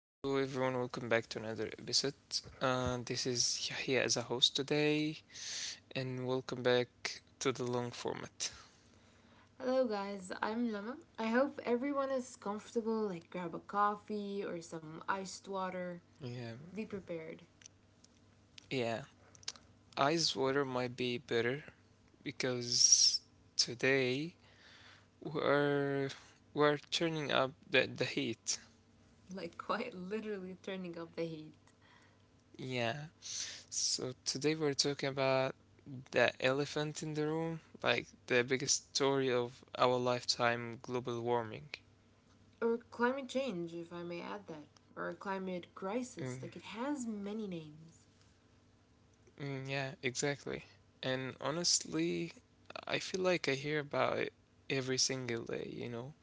Hello, everyone. Welcome back to another episode. This is Yahya as a host today, and welcome back to the long format. Hello, guys. I'm Lama. I hope everyone is comfortable. Like, grab a coffee or some iced water. Yeah, Be prepared. yeah. Ice water might be better because today we're we're turning up the heat. Like, quite literally turning up the heat. Yeah. So today we're talking about the elephant in the room, like the biggest story of our lifetime, global warming. Or climate change, if I may add that. Or climate Mm. crisis. Like, it has many names. Mm, yeah, exactly. And honestly, I feel like I hear about it every single day, you know?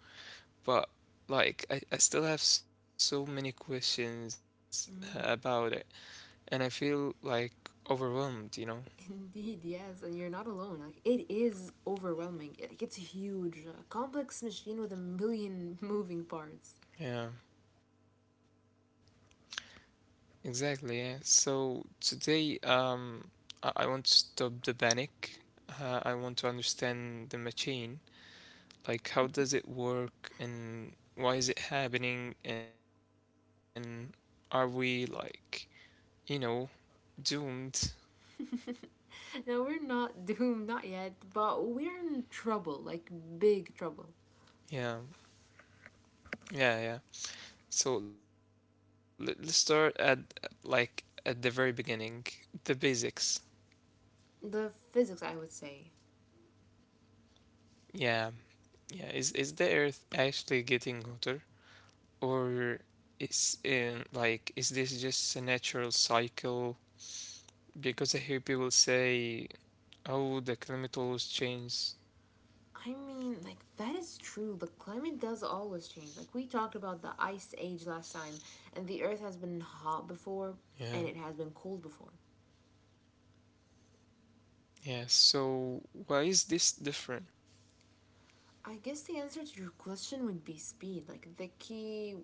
But like, I still have so many questions about it, and I feel like overwhelmed, Indeed, yes. And you're not alone. Like, it is overwhelming. Like, it's huge. A complex machine with a million moving parts. Yeah, exactly. Yeah. So today, I want to stop the panic. I want to understand the machine. Like, how does it work, and why is it happening, and are we like you know, doomed. Now, we're not doomed, not yet, but we're in trouble. Like, big trouble. Yeah, yeah, yeah. So let's start at like at the very beginning, the basics. The physics, I would say. Yeah, yeah. Is the Earth actually getting hotter, or is in like is this just a natural cycle? Because I hear people say, "Oh, the climate always changes." I mean, like, that is true. The climate does always change. Like, we talked about the ice age last time, and the earth has been hot Yeah, before, and it has been cold before. yeah. So why is this different? I guess the answer to your question would be speed. Like, the key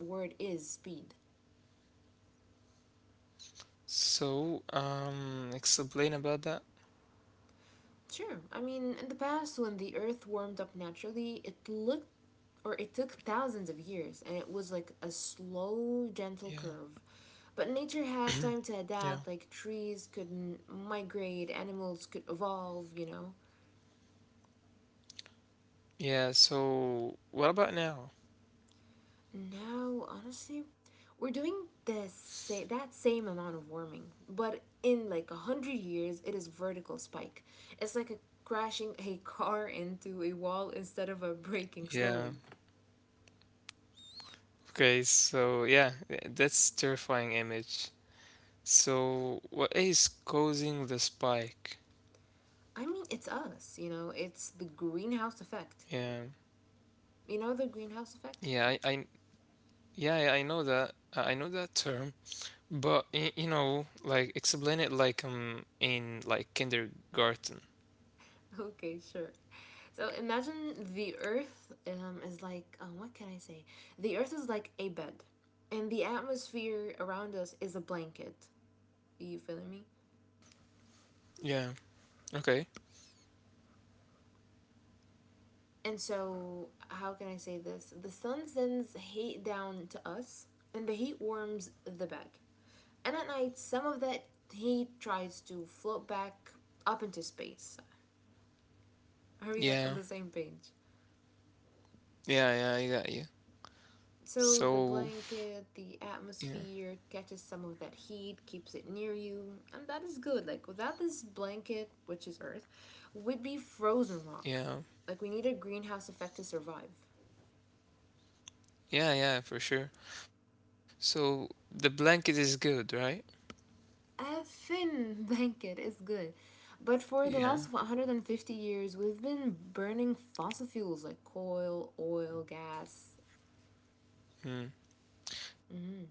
word is speed. Explain about that. Sure. I mean, in the past, when the earth warmed up naturally, it looked, or it took thousands of years, and it was like a Yeah, slow, gentle curve. But nature had time to yeah. adapt. Like, trees could migrate, animals could evolve. Yeah, so what about now? Now, honestly, we're doing that same amount of warming, but in like 100 years, it is vertical spike. It's like a crashing a car into a wall instead of a breaking Yeah. slowly. Okay, so yeah, that's terrifying image. So what is causing the spike? I mean, it's us. It's the greenhouse effect. Yeah. You know, the greenhouse effect. Yeah, I yeah, I know that. I know that term, but you know, like explain it like in like kindergarten. Okay, sure. So imagine the Earth is like, what can I say? The Earth is like a bed, and the atmosphere around us is a blanket. Are you feeling me? Yeah. Okay. And so, how can I say this? The sun sends heat down to us, and the heat warms the bed. And at night, some of that heat tries to float back up into space. Are we like on Yeah. the same page? Yeah, yeah, I got you. So the So, blanket, the yeah. atmosphere catches some of that heat, keeps it near you, and that is good. Like without this blanket, which is Earth, we'd be frozen rock. Yeah. Like we need a greenhouse effect to survive. Yeah, yeah, for sure. So the blanket is good, right? A thin blanket is good. But for the last Yeah. 150 years, we've been burning fossil fuels like coal, oil, gas. Mm. Mhm,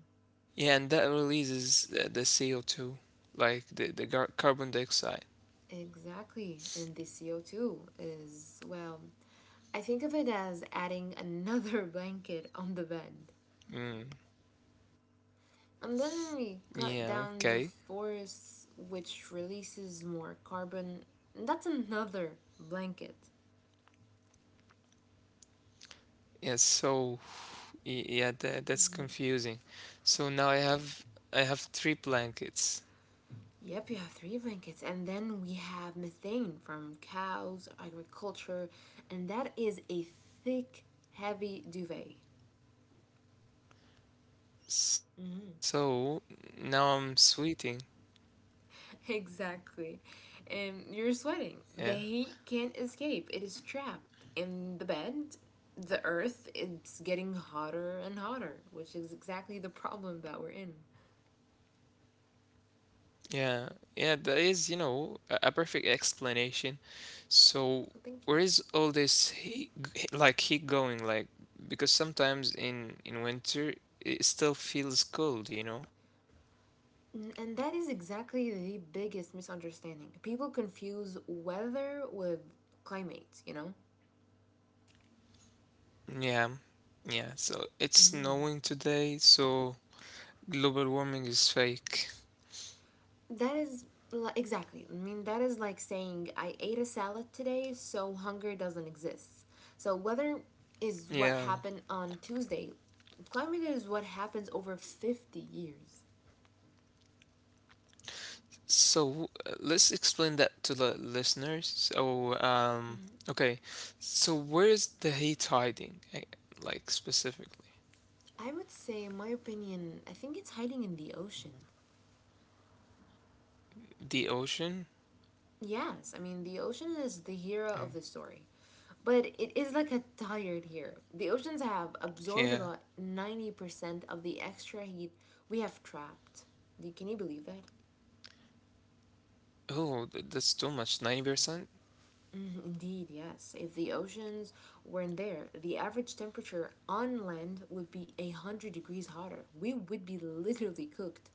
Yeah, and that releases the CO2, like the carbon dioxide. exactly. And the CO2 is, well, I think of it as adding another blanket on the bed. Mm. And then we cut Yeah, down the okay. forest, which releases more carbon. That's another blanket. Yeah, so yeah, that that's confusing. So now I have 3 blankets. Yep, you have three blankets. And then we have methane from cows, agriculture, and that is a thick, heavy duvet. Mm-hmm. So now I'm sweating. Exactly. And you're sweating. The Yeah. heat can't escape. It is trapped in the bed. The earth is getting hotter and hotter, which is exactly the problem that we're in. Yeah, yeah, that is, you know, a perfect explanation. So, So where thank you. is all this heat, like heat going? Like, because sometimes in winter it still feels cold, you know? And that is exactly the biggest misunderstanding. People confuse weather with climate, you know? Yeah, yeah. So it's Mhm. snowing today, so global warming is fake. That is exactly. I mean, that is like saying I ate a salad today, so hunger doesn't exist. So weather is what Yeah. happened on Tuesday. Climate is what happens over 50 years. So let's explain that to the listeners. So, okay. So where is the heat hiding, like specifically? I would say, in my opinion, I think it's hiding in the ocean. The ocean? Yes, I mean, the ocean is the hero Mm, of the story. But it is like a tired hero. The oceans have absorbed yeah. about 90% of the extra heat we have trapped. Can you believe that? Oh, that's too much. 90%? Mm, indeed, yes. If the oceans weren't there, the average temperature on land would be 100 degrees hotter. We would be literally cooked,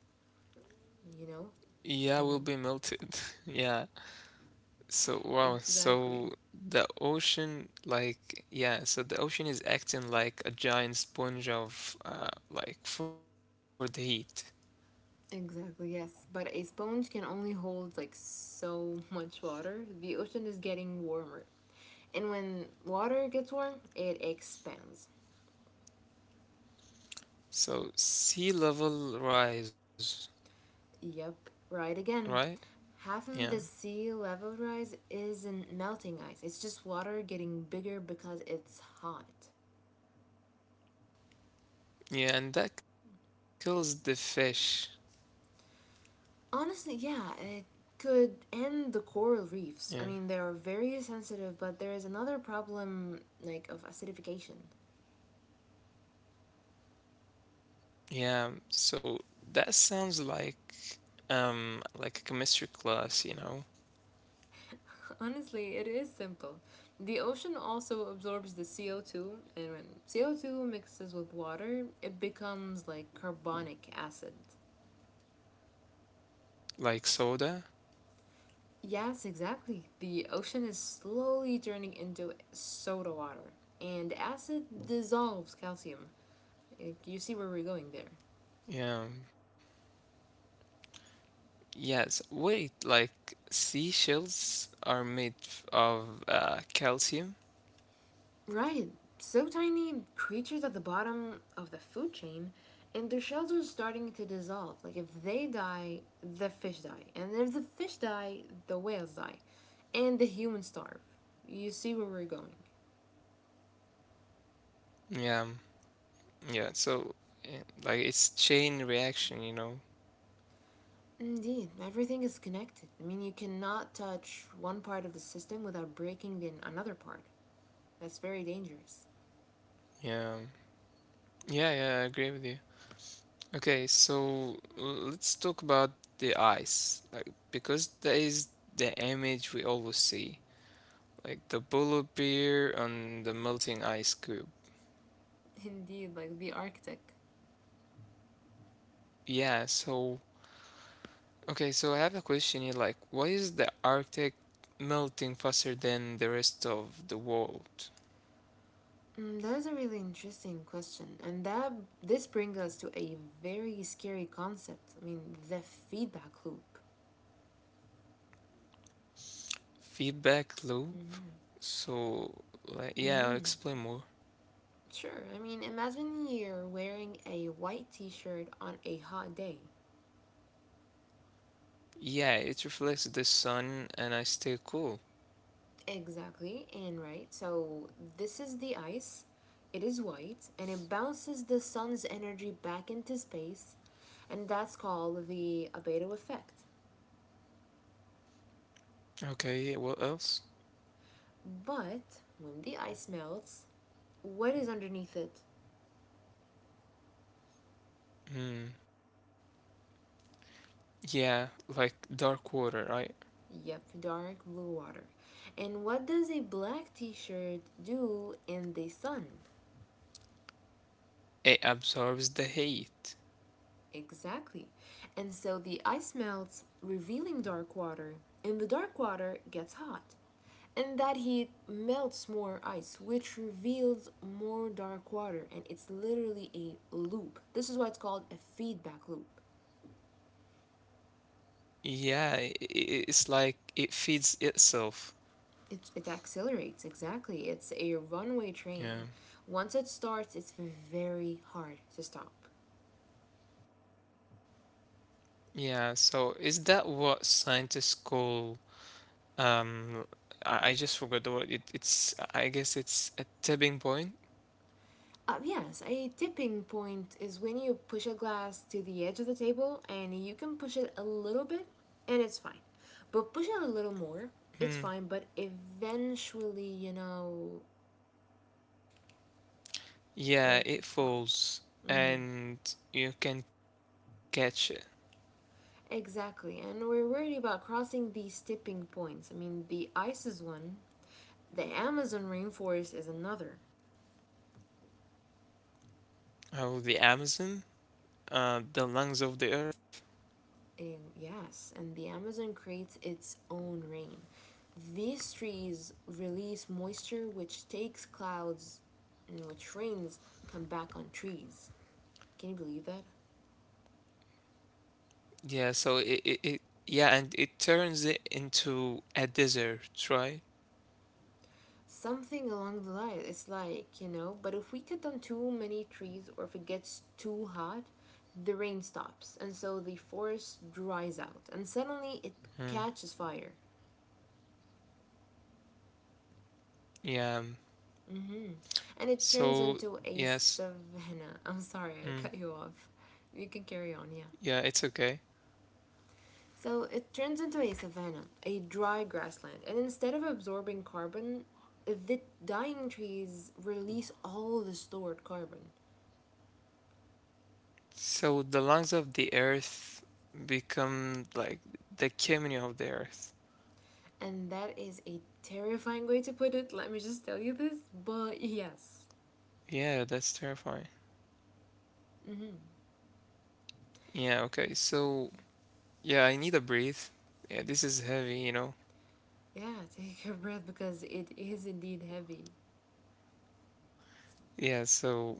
you know? Yeah, will be You know? melted. Yeah. So, wow. So Exactly. the ocean, like, yeah, so the ocean is acting like a giant sponge of, like, for the heat. Exactly, yes. But a sponge can only hold like so much water. The ocean is getting warmer. And when water gets warm, it expands. So sea level rise, Yep, right again. right? Half Yeah. of the sea level rise isn't melting ice, it's just water getting bigger because it's hot. Yeah, and that kills the fish. Honestly, yeah, it could end the coral Yeah. reefs. I mean, they are very sensitive, but there is another problem like of acidification. Yeah. So that sounds like a chemistry class, you know? Honestly, it is simple. The ocean also absorbs the CO2, and when CO2 mixes with water, it becomes like carbonic acid. Like soda. Yes, exactly. The ocean is slowly turning into soda water, and acid dissolves calcium. You see where we're going there. Yeah. Yes. Wait, like seashells are made of calcium? Right. So tiny creatures at the bottom of the food chain, and their shells are starting to dissolve. Like, if they die, the fish die. And if the fish die, the whales die. And the humans starve. You see where we're going. Yeah. Yeah. So, like, it's chain reaction, you know? Indeed, everything is connected. I mean, you cannot touch one part of the system without breaking in another part. That's very dangerous. Yeah. Yeah, yeah, I agree with you. Okay, so let's talk about the eyes. Like, because that is the image we always see. Like the polar bear on the melting ice cube. Indeed, like the Arctic. Yeah, so okay, so I have a question here, like, why is the Arctic melting faster than the rest of the world? Mm, that is a really interesting question, and that this brings us to a very scary concept. I mean, the feedback loop. Feedback loop? Mm-hmm. So, like, yeah, I'll Mm-hmm. explain more. Sure. I mean, imagine you're wearing a white T-shirt on a hot day. Yeah, it reflects the sun and I stay cool. Exactly, and right. So this is the ice. It is white, and it bounces the sun's energy back into space, and that's called the albedo effect. Okay, what else? But when the ice melts, what is underneath it? Hmm. Yeah, like dark water, right? Yep, dark blue water. And what does a black t shirt do in the sun? It absorbs the heat. Exactly. And so the ice melts, revealing dark water, and the dark water gets hot. And that heat melts more ice, which reveals more dark water, and it's literally a loop. This is why it's called a feedback loop. Yeah, it's like it feeds itself. It, accelerates, exactly. It's a runaway Yeah. train. Once it starts, it's very hard to stop. Yeah, so is that what scientists call. Um, I just forgot the word. It, it's, I guess it's a tipping point. Yes, a tipping point is when you push a glass to the edge of the table and you can push it a little bit and it's fine. But push it a little more, it's Hmm. fine, but eventually, you know, Yeah, it it falls. falls Hmm. and you can catch it. Exactly, and we're worried about crossing these tipping points. I mean, the ice is one, the Amazon rainforest is another. Oh, the Amazon, the lungs of the earth. And yes, and the Amazon creates its own rain. These trees release moisture which takes clouds and which rains come back on trees. Can you believe that? Yeah, so it yeah, and it turns it into a desert, right? Something along the line. It's like, you know, but if we cut down too many trees or if it gets too hot, the rain stops and so the forest dries out and suddenly it Hmm. catches fire. Yeah. Hmm. And it turns So, into a yes. savanna. I'm sorry, I Mm. cut you off. You can carry on, yeah. Yeah, it's okay. So it turns into a savanna, a dry grassland, and instead of absorbing carbon, the dying trees release all the stored carbon. So the lungs of the earth become like the chimney of the earth. And that is a terrifying way to put it, let me just tell you this, but yes. Yeah, that's terrifying. Hmm. Yeah, okay. So, yeah, I need a breathe. Yeah, this is heavy, you know. Yeah, take a breath because it is indeed heavy. Yeah, so,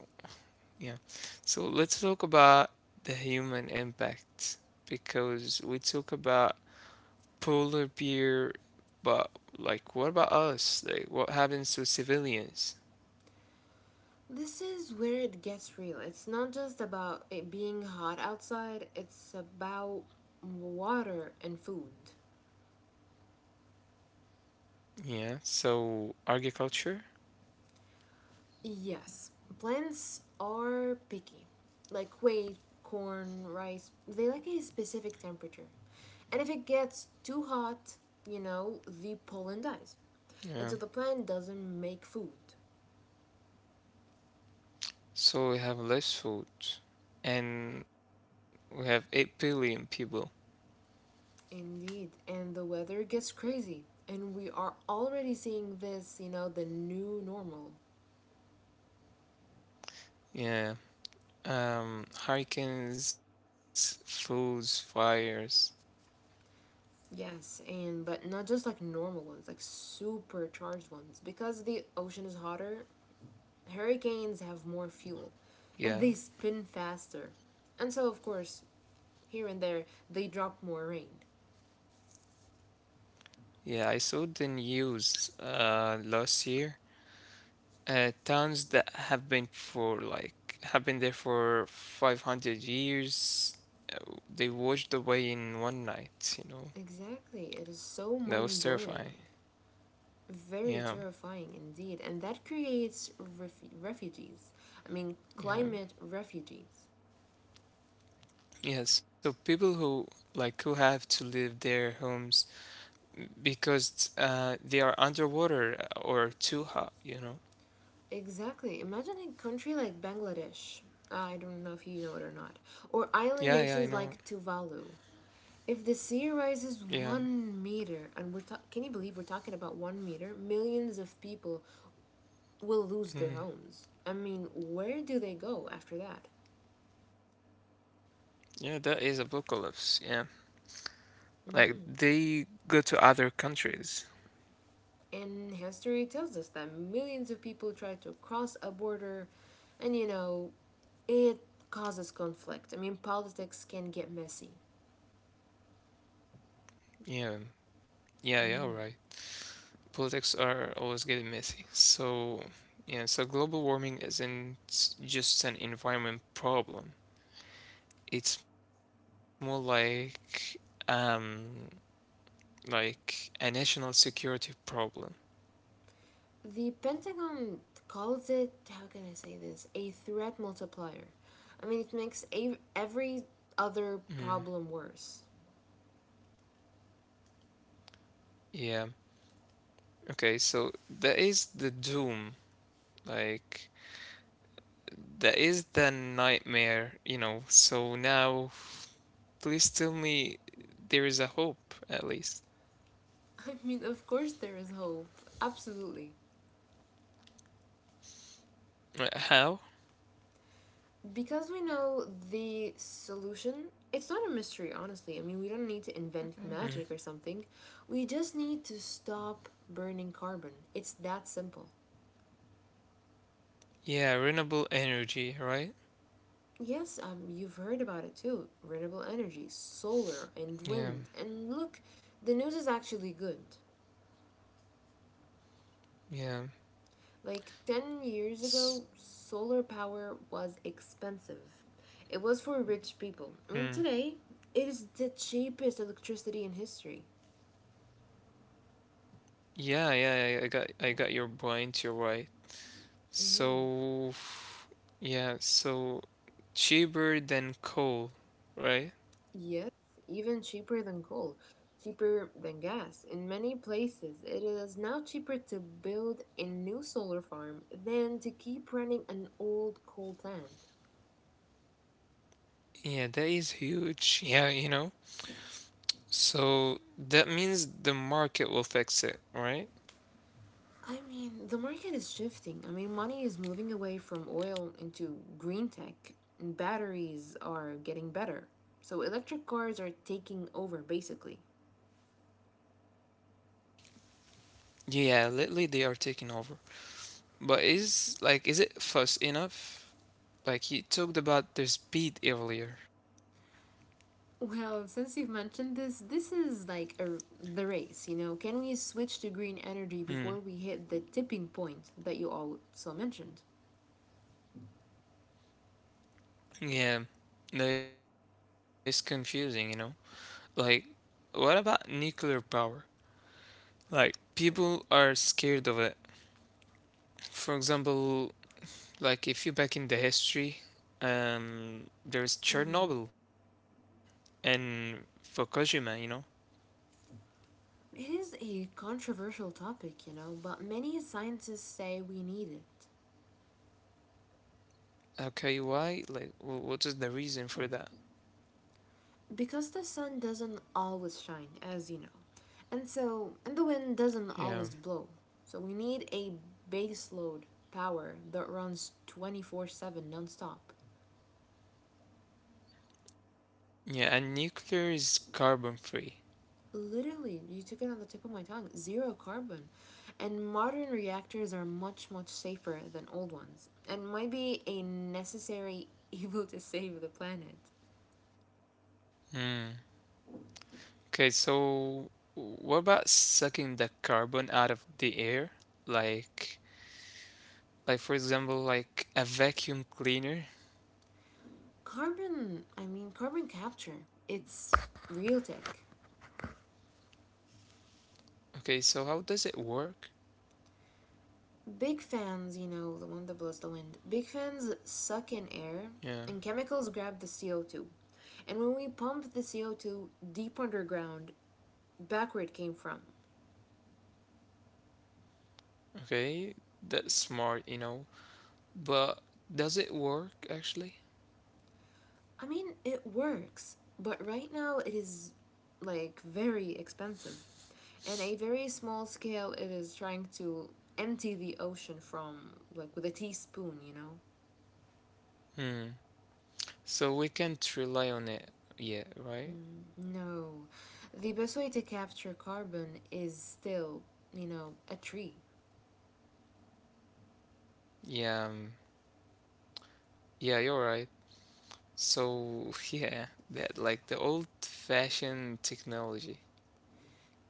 yeah. So, let's talk about the human impact because we talk about polar bear, but like what about us? Like what happens to civilians? This is where it gets real. It's not just about it being hot outside, it's about water and food. Yeah, so agriculture? Yes, plants are picky. Like wheat, corn, rice, they like a specific temperature. And if it gets too hot, you know, the pollen dies. And Yeah. so the plant doesn't make food. So we have less food and we have 8 billion people. Indeed. And the weather gets crazy. And we are already seeing this, you know, the new normal. Yeah, um, hurricanes, floods, fires. Yes, and but not just like normal ones, like supercharged ones. Because the ocean is hotter, hurricanes have more fuel and they Yeah, spin faster. And so, of course, here and there, they drop more rain. yeah, I saw the news last year. Towns that have been for like have been there for 500 years, they washed away in one night, you know. Exactly, it is so That mind was blowing. terrifying. Very Yeah, terrifying indeed, and that creates refugees. I mean, climate yeah. refugees. Yeah, so people who like who have to leave their homes because they are underwater or too hot, you know. Exactly. Imagine a country like Bangladesh. I don't know if you know it or not. Or island Yeah, yeah, I nations know. like Tuvalu. If the sea rises Yeah. 1 meter, and can you believe we're talking about 1 meter? Millions of people will lose their Mhm. homes. I mean, where do they go after that? Yeah, that is apocalypse. Yeah, like Hmm. they go to other countries. And history tells us that millions of people try to cross a border, and you know, it causes conflict. I mean, politics can get messy. Yeah, yeah, yeah. All right. Politics are always getting messy. So yeah, so global warming isn't just an environment problem. It's more um like a national security problem. The Pentagon calls it, how can I say this, a threat multiplier. I mean, it makes every other Mm. problem worse. Yeah. Okay, so that is the doom. Like that is the nightmare, you know. So now please tell me there is a hope, at least. I mean, of course, there is hope. Absolutely. How? Because we know the solution, it's not a mystery, honestly. I mean, we don't need to invent magic or something. We just need to stop burning carbon. It's that simple. Yeah, renewable energy, right? Yes, you've heard about it too. Renewable energy, solar and Yeah, wind. And look, the news is actually good. yeah. Like 10 years S- ago, solar power was expensive. It was for rich people. I mean, hmm. today, it is the cheapest electricity in history. Yeah, yeah, I got I got your point, you're right. Mm-hmm. So, yeah, so cheaper than coal, right? Yes, even cheaper than coal, cheaper than gas. In many places, it is now cheaper to build a new solar farm than to keep running an old coal plant. Yeah, that is huge. Yeah, you know. So that means the market will fix it, right? I mean, the market is shifting. I mean, money is moving away from oil into green tech, and batteries are getting better. So, electric cars are taking over basically. Yeah, lately they are taking over. But is it fast enough? Like he talked about the speed earlier. Well, since you've mentioned this, this is like the race, you know? Can we switch to green energy Hmm. before we hit the tipping point that you also mentioned? Yeah. That is confusing, you know? Like, what about nuclear power? Like, people are scared of it. For example, like if you back in the history, Mhm. there is Chernobyl and Fukushima, you know? It is a controversial topic, you know, but many scientists say we need it. Okay, why? Like, what is the reason for that? Because the sun doesn't always shine, as you know, and the wind doesn't always Yeah. blow. So we need a baseload power that runs 24/7 nonstop. Yeah, and nuclear is carbon free. Literally, you took it on the tip of my tongue. Zero carbon. And modern reactors are much safer than old ones and might be a necessary evil to save the planet. Hmm. Okay, so what about sucking the carbon out of the air? Like, like for example, like a vacuum cleaner. Carbon, I mean Carbon capture. It's real tech. Okay, so how does it work? Big fans, you know, the one that blows the wind, big fans suck in air and Yeah, chemicals grab the CO2. And when we pump the CO2 deep underground, back where it came from. okay, that's smart, you know, but does it work actually? I mean, it works, but right now it is like very expensive. And a very small scale, it is trying to empty the ocean from, like, with a teaspoon? Hmm. So we can't rely on it yet, right? Mm, no. The best way to capture carbon is still, a tree. Yeah, yeah, you're right. So yeah, that like the old-fashioned technology.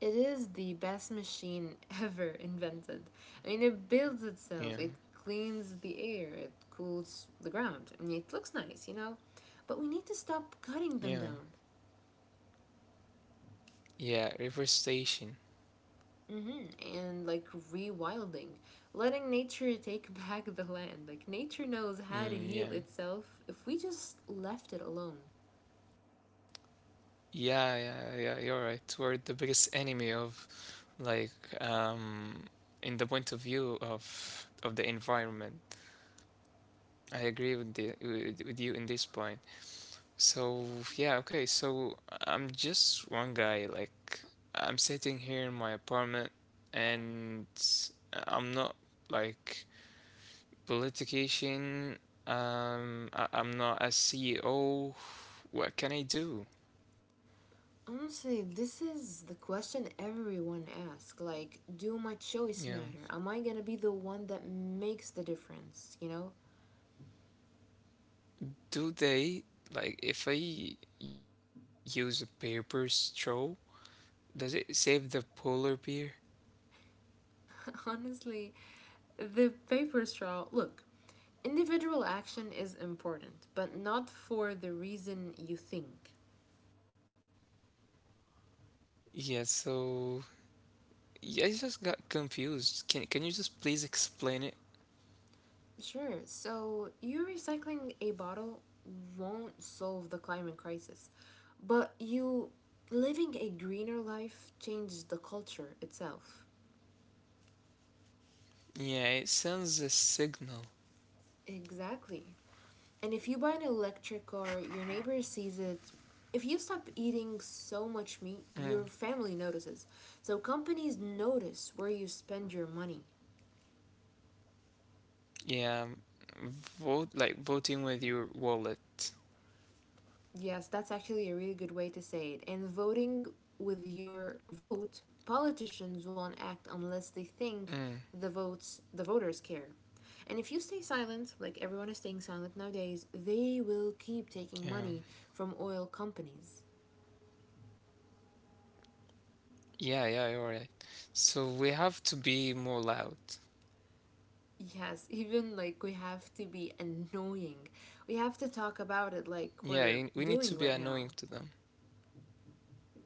It is the best machine ever invented. I mean, it builds itself, Yeah, it cleans the air, it cools the ground. I mean, it looks nice. But we need to stop cutting them down. yeah. Yeah, reforestation. Hmm. And like rewilding, letting nature take back the land. Like, nature knows how to heal Mm, yeah. itself if we just left it alone. Yeah, yeah, yeah, you're right. We're the biggest enemy of like um in the point of view of the environment. I agree with with you in this point. So, yeah, okay. So, I'm just one guy like I'm sitting here in my apartment and I'm not like politician. I'm not a CEO. What can I do? Honestly, this is the question everyone asks. Like, do my choice Yeah. matter? Am I gonna be the one that makes the difference? You know? Do they like if I use a paper straw, does it save the polar bear? Honestly, the paper straw. Look, individual action is important, but not for the reason you think. Yeah, so yeah, I just got confused. Can you just please explain it? Sure, so you recycling a bottle won't solve the climate crisis, but you living a greener life changes the culture itself. Yeah, it sends a signal. Exactly. And if you buy an electric car, your neighbor sees it. If you stop eating so much meat, Mm. your family notices. So companies notice where you spend your money. Yeah, vote like voting with your wallet. Yes, that's actually a really good way to say it. And voting with your vote, politicians won't act unless they think Mm. the voters care. And if you stay silent, like everyone is staying silent nowadays, they will keep taking Yeah, money from oil companies. yeah, yeah. You're right. So we have to be more loud. Yes, even like we have to be annoying. We have to talk about it like Yeah, we're we need to doing be right now. annoying to them.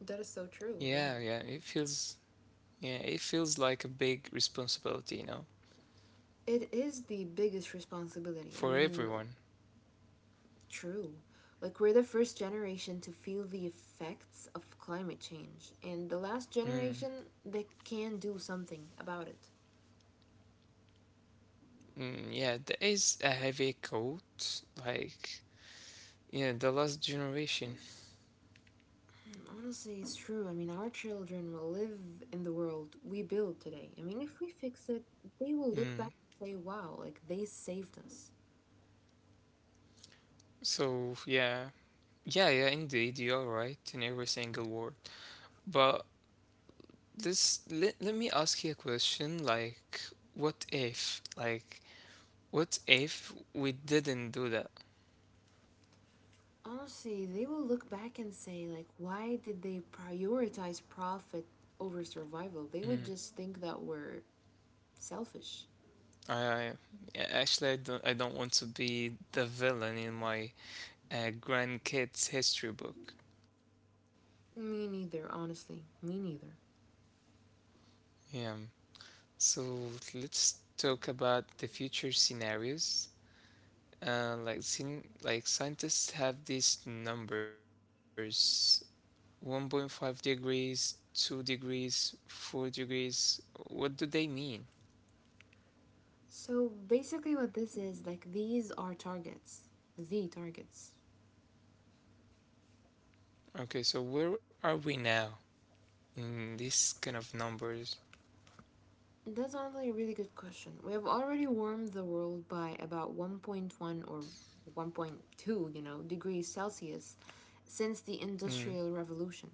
That is so true, yeah. Yeah, yeah. It feels yeah, it feels like a big responsibility, you know, It is the biggest responsibility. I for mean, everyone. true. Like, we're the first generation to feel the effects of climate change, and the last Mm, generation that can do something about it. mm, yeah, there is a heavy coat, like, yeah, the last generation. Honestly, it's true. I mean, our children will live in the world we build today. I mean, if we fix it, they will look back Mm, and say, wow, like, they saved us. so, yeah, yeah, yeah, indeed, you're right in every single word. But this, let me ask you a question, like, what if we didn't do that? Honestly, they will look back and say, like, why did they prioritize profit over survival? They Mm, would just think that we're selfish. I, I, yeah, actually, I don't want to be the villain in my a grandkids history book. Me neither, honestly. Me neither. Yeah. So let's talk about the future scenarios. Like like scientists have these numbers 1.5 degrees, 2 degrees, 4 degrees. What do they mean? So basically, what this is, like, these are targets. The targets. Okay, so where are we now in these kind of numbers? That's honestly a really good question. We have already warmed the world by about 1.1 or 1.2, degrees Celsius since Mm. the Industrial Revolution.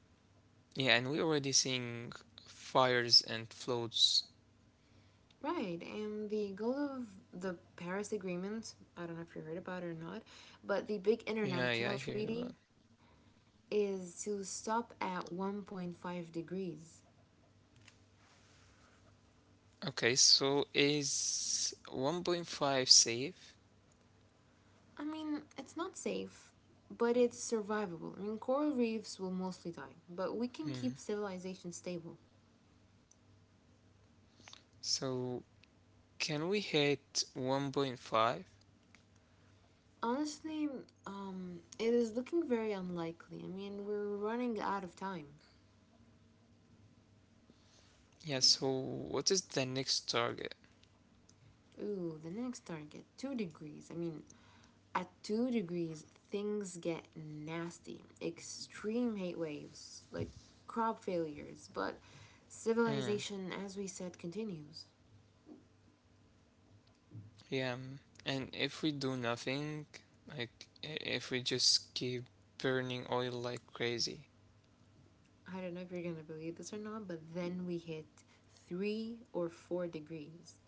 Yeah, and we're already seeing fires and floods. Right, and the goal of the Paris Agreement, I don't know if you heard about it or not, but the big Yeah, yeah, international I hear treaty about. is to stop at 1.5 degrees. Okay, so is 1.5 safe? I mean, it's not safe, but it's survivable. I mean, coral reefs will mostly die, but we can Hmm. keep civilization stable. So can we hit 1.5? Honestly, it is looking very unlikely. I mean, we're running out of time. Yeah, so what is the next target? Ooh, the next target, 2 degrees. I mean, at 2 degrees, things get nasty. Extreme heat waves, like crop failures, but Hmm. civilization, as we said, continues. Yeah, mm. And if we do nothing, like if we just keep burning oil like crazy. I don't know if you're gonna believe this or not, but then we hit 3 or 4 degrees.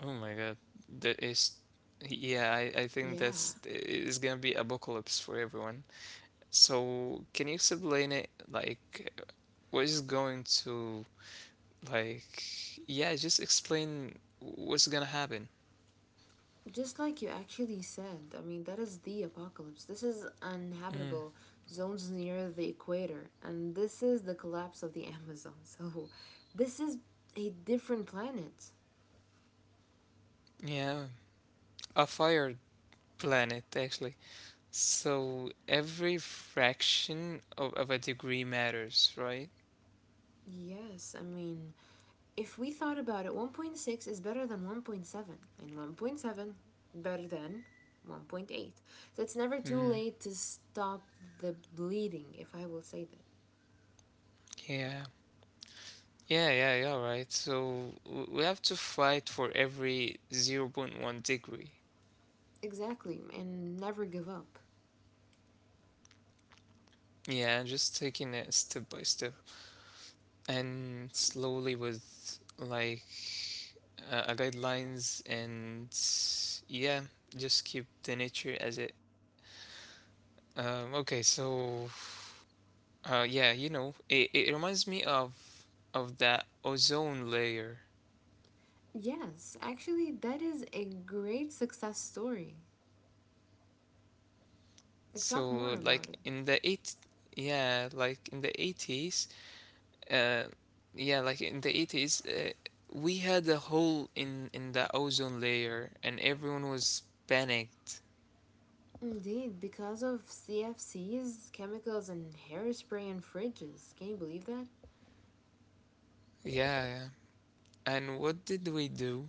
Oh my god, that is yeah, I think Yeah, that's it's gonna be apocalypse for everyone. So can you explain it like what is going to, like, yeah, just explain what's gonna happen. just like you actually said, I mean, that is the apocalypse. This is Mm, uninhabitable zones near the equator, and this is the collapse of the Amazon. So, this is a different planet. yeah, a fire planet, actually. So every fraction of a degree matters, right? Yes, I mean, if we thought about it, 1.6 is better than 1.7, and 1.7 better than 1.8. So Mm, it's never too late to stop the bleeding, if I will say that. yeah. Yeah, yeah, yeah, right. So we have to fight for every 0 0.1 degree. Exactly, and never give up. Yeah, just taking it step by step and slowly with like a guidelines and yeah just keep the nature as it okay so yeah you know it reminds me of that ozone layer Yes, actually, that is a great success story. Like, talk so more like about it. in the eight yeah like in the 80s uh, yeah like in the 80s we had a hole in the ozone layer and everyone was panicked. Indeed, because of CFCs, chemicals, and hairspray and fridges. Can you believe that? Yeah yeah. And what did we do.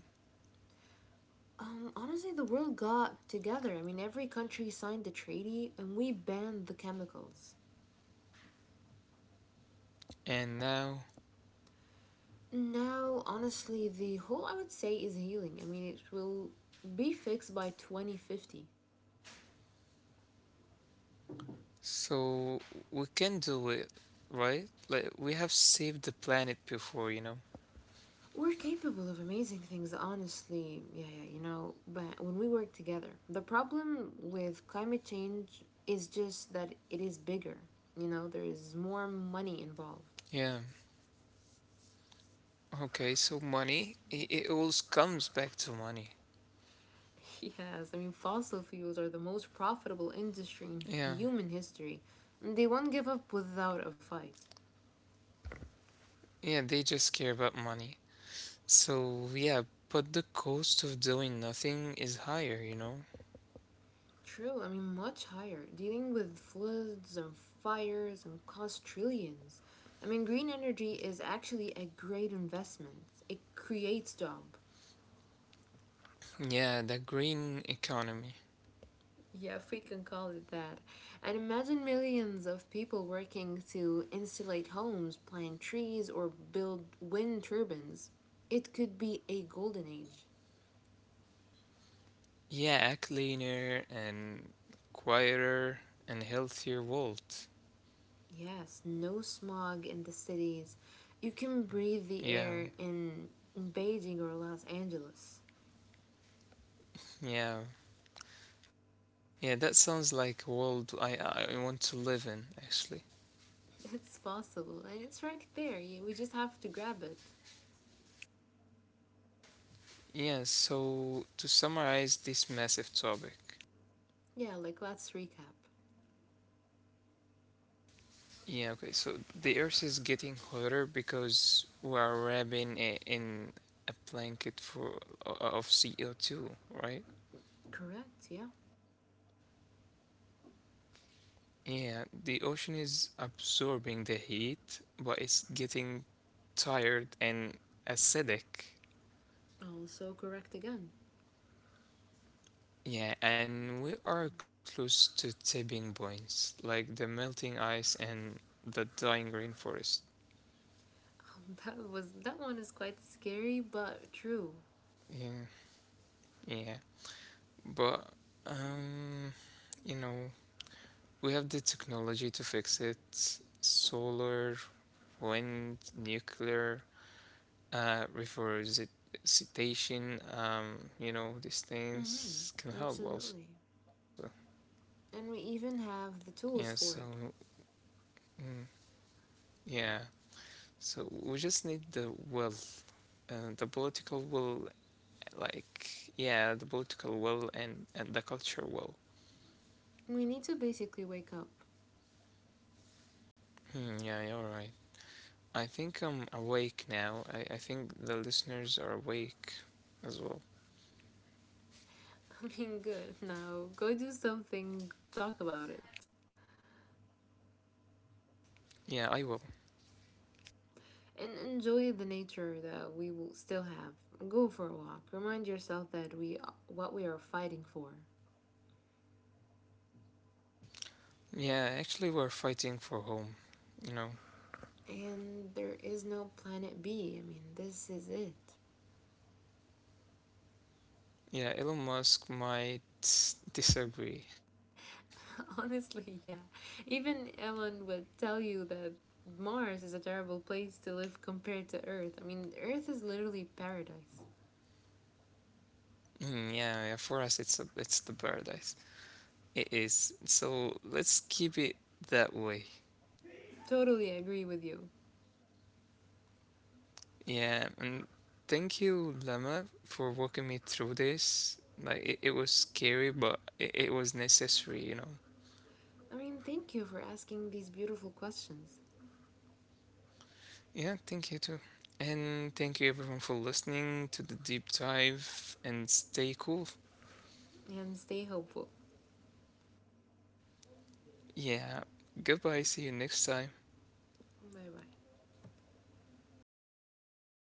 Honestly, the world got together. I mean, every country signed the treaty and we banned the chemicals. And now Now, honestly, the whole I would say is healing. I mean, it will be fixed by 2050. so we can do it, right? Like we have saved the planet before, you know. We're capable of amazing things, honestly. Yeah, yeah, you know, but when we work together, the problem with climate change is just that it is bigger. You know, there is more money involved. Yeah. Okay, so money, it always comes back to money. Yes, I mean, fossil fuels are the most profitable Yeah. industry in human history. They won't give up without a fight. Yeah, they just care about money. So yeah, but the cost of doing nothing is higher, you know. True, I mean, much higher, dealing with floods and fires and cost trillions. I mean, green energy is actually a great investment, it creates jobs. Yeah, the green economy. Yeah, if we can call it that. And imagine millions of people working to insulate homes, plant trees, or build wind turbines. It could be a golden age. Yeah, a cleaner and quieter and healthier world. Yes, no smog in the cities. You can breathe the air Yeah, in Beijing or Los Angeles. yeah. Yeah, that sounds like a world I want to live in, actually. It's possible, and it's right there. We just have to grab it. Yeah, so to summarize this massive topic. Yeah, like let's recap. Yeah, okay, so the Earth is getting hotter because we are wrapping it in a blanket for o- of CO2, right? Correct, yeah. Yeah, the ocean is absorbing the heat, but it's getting tired and acidic. Also correct again. Yeah, and we are close to tipping points, like the melting ice and the dying rainforest. That one is quite scary but true. Yeah, yeah. But, um, you know, we have the technology to fix it. Solar, wind, nuclear, reforestation, you know, these things can Mm-hmm, help also. absolutely. And we even Yeah, have so, the tools for it. mm, yeah. So we just need the will, the political will. Like, yeah, the political will and the culture will. We need to basically wake up. Hmm, yeah, you're right. I think I'm awake now. I think the listeners are awake as well. I mean, good. Now go do something, talk about it. Yeah, I will. And enjoy the nature that we will still have. Go for a walk. Remind yourself that we what we are fighting for. Yeah, actually, we're fighting for home. You know, And there is no planet B. I mean, this is it. yeah, Elon Musk might disagree. Honestly, yeah. Even Ellen would tell you that Mars is a terrible place to live compared to Earth. I mean, Earth is literally paradise. Hmm, yeah, yeah, for us, it's the paradise. It is. So let's keep it that way. Totally agree with you. Yeah, and thank you, Lemma, for walking me through this. Like it was scary, but it was necessary, you know. I mean, thank you for asking these beautiful questions Yeah, thank you too. And thank you everyone for listening to the deep dive and stay cool. and stay hopeful. Yeah, goodbye, see you next time. Bye bye.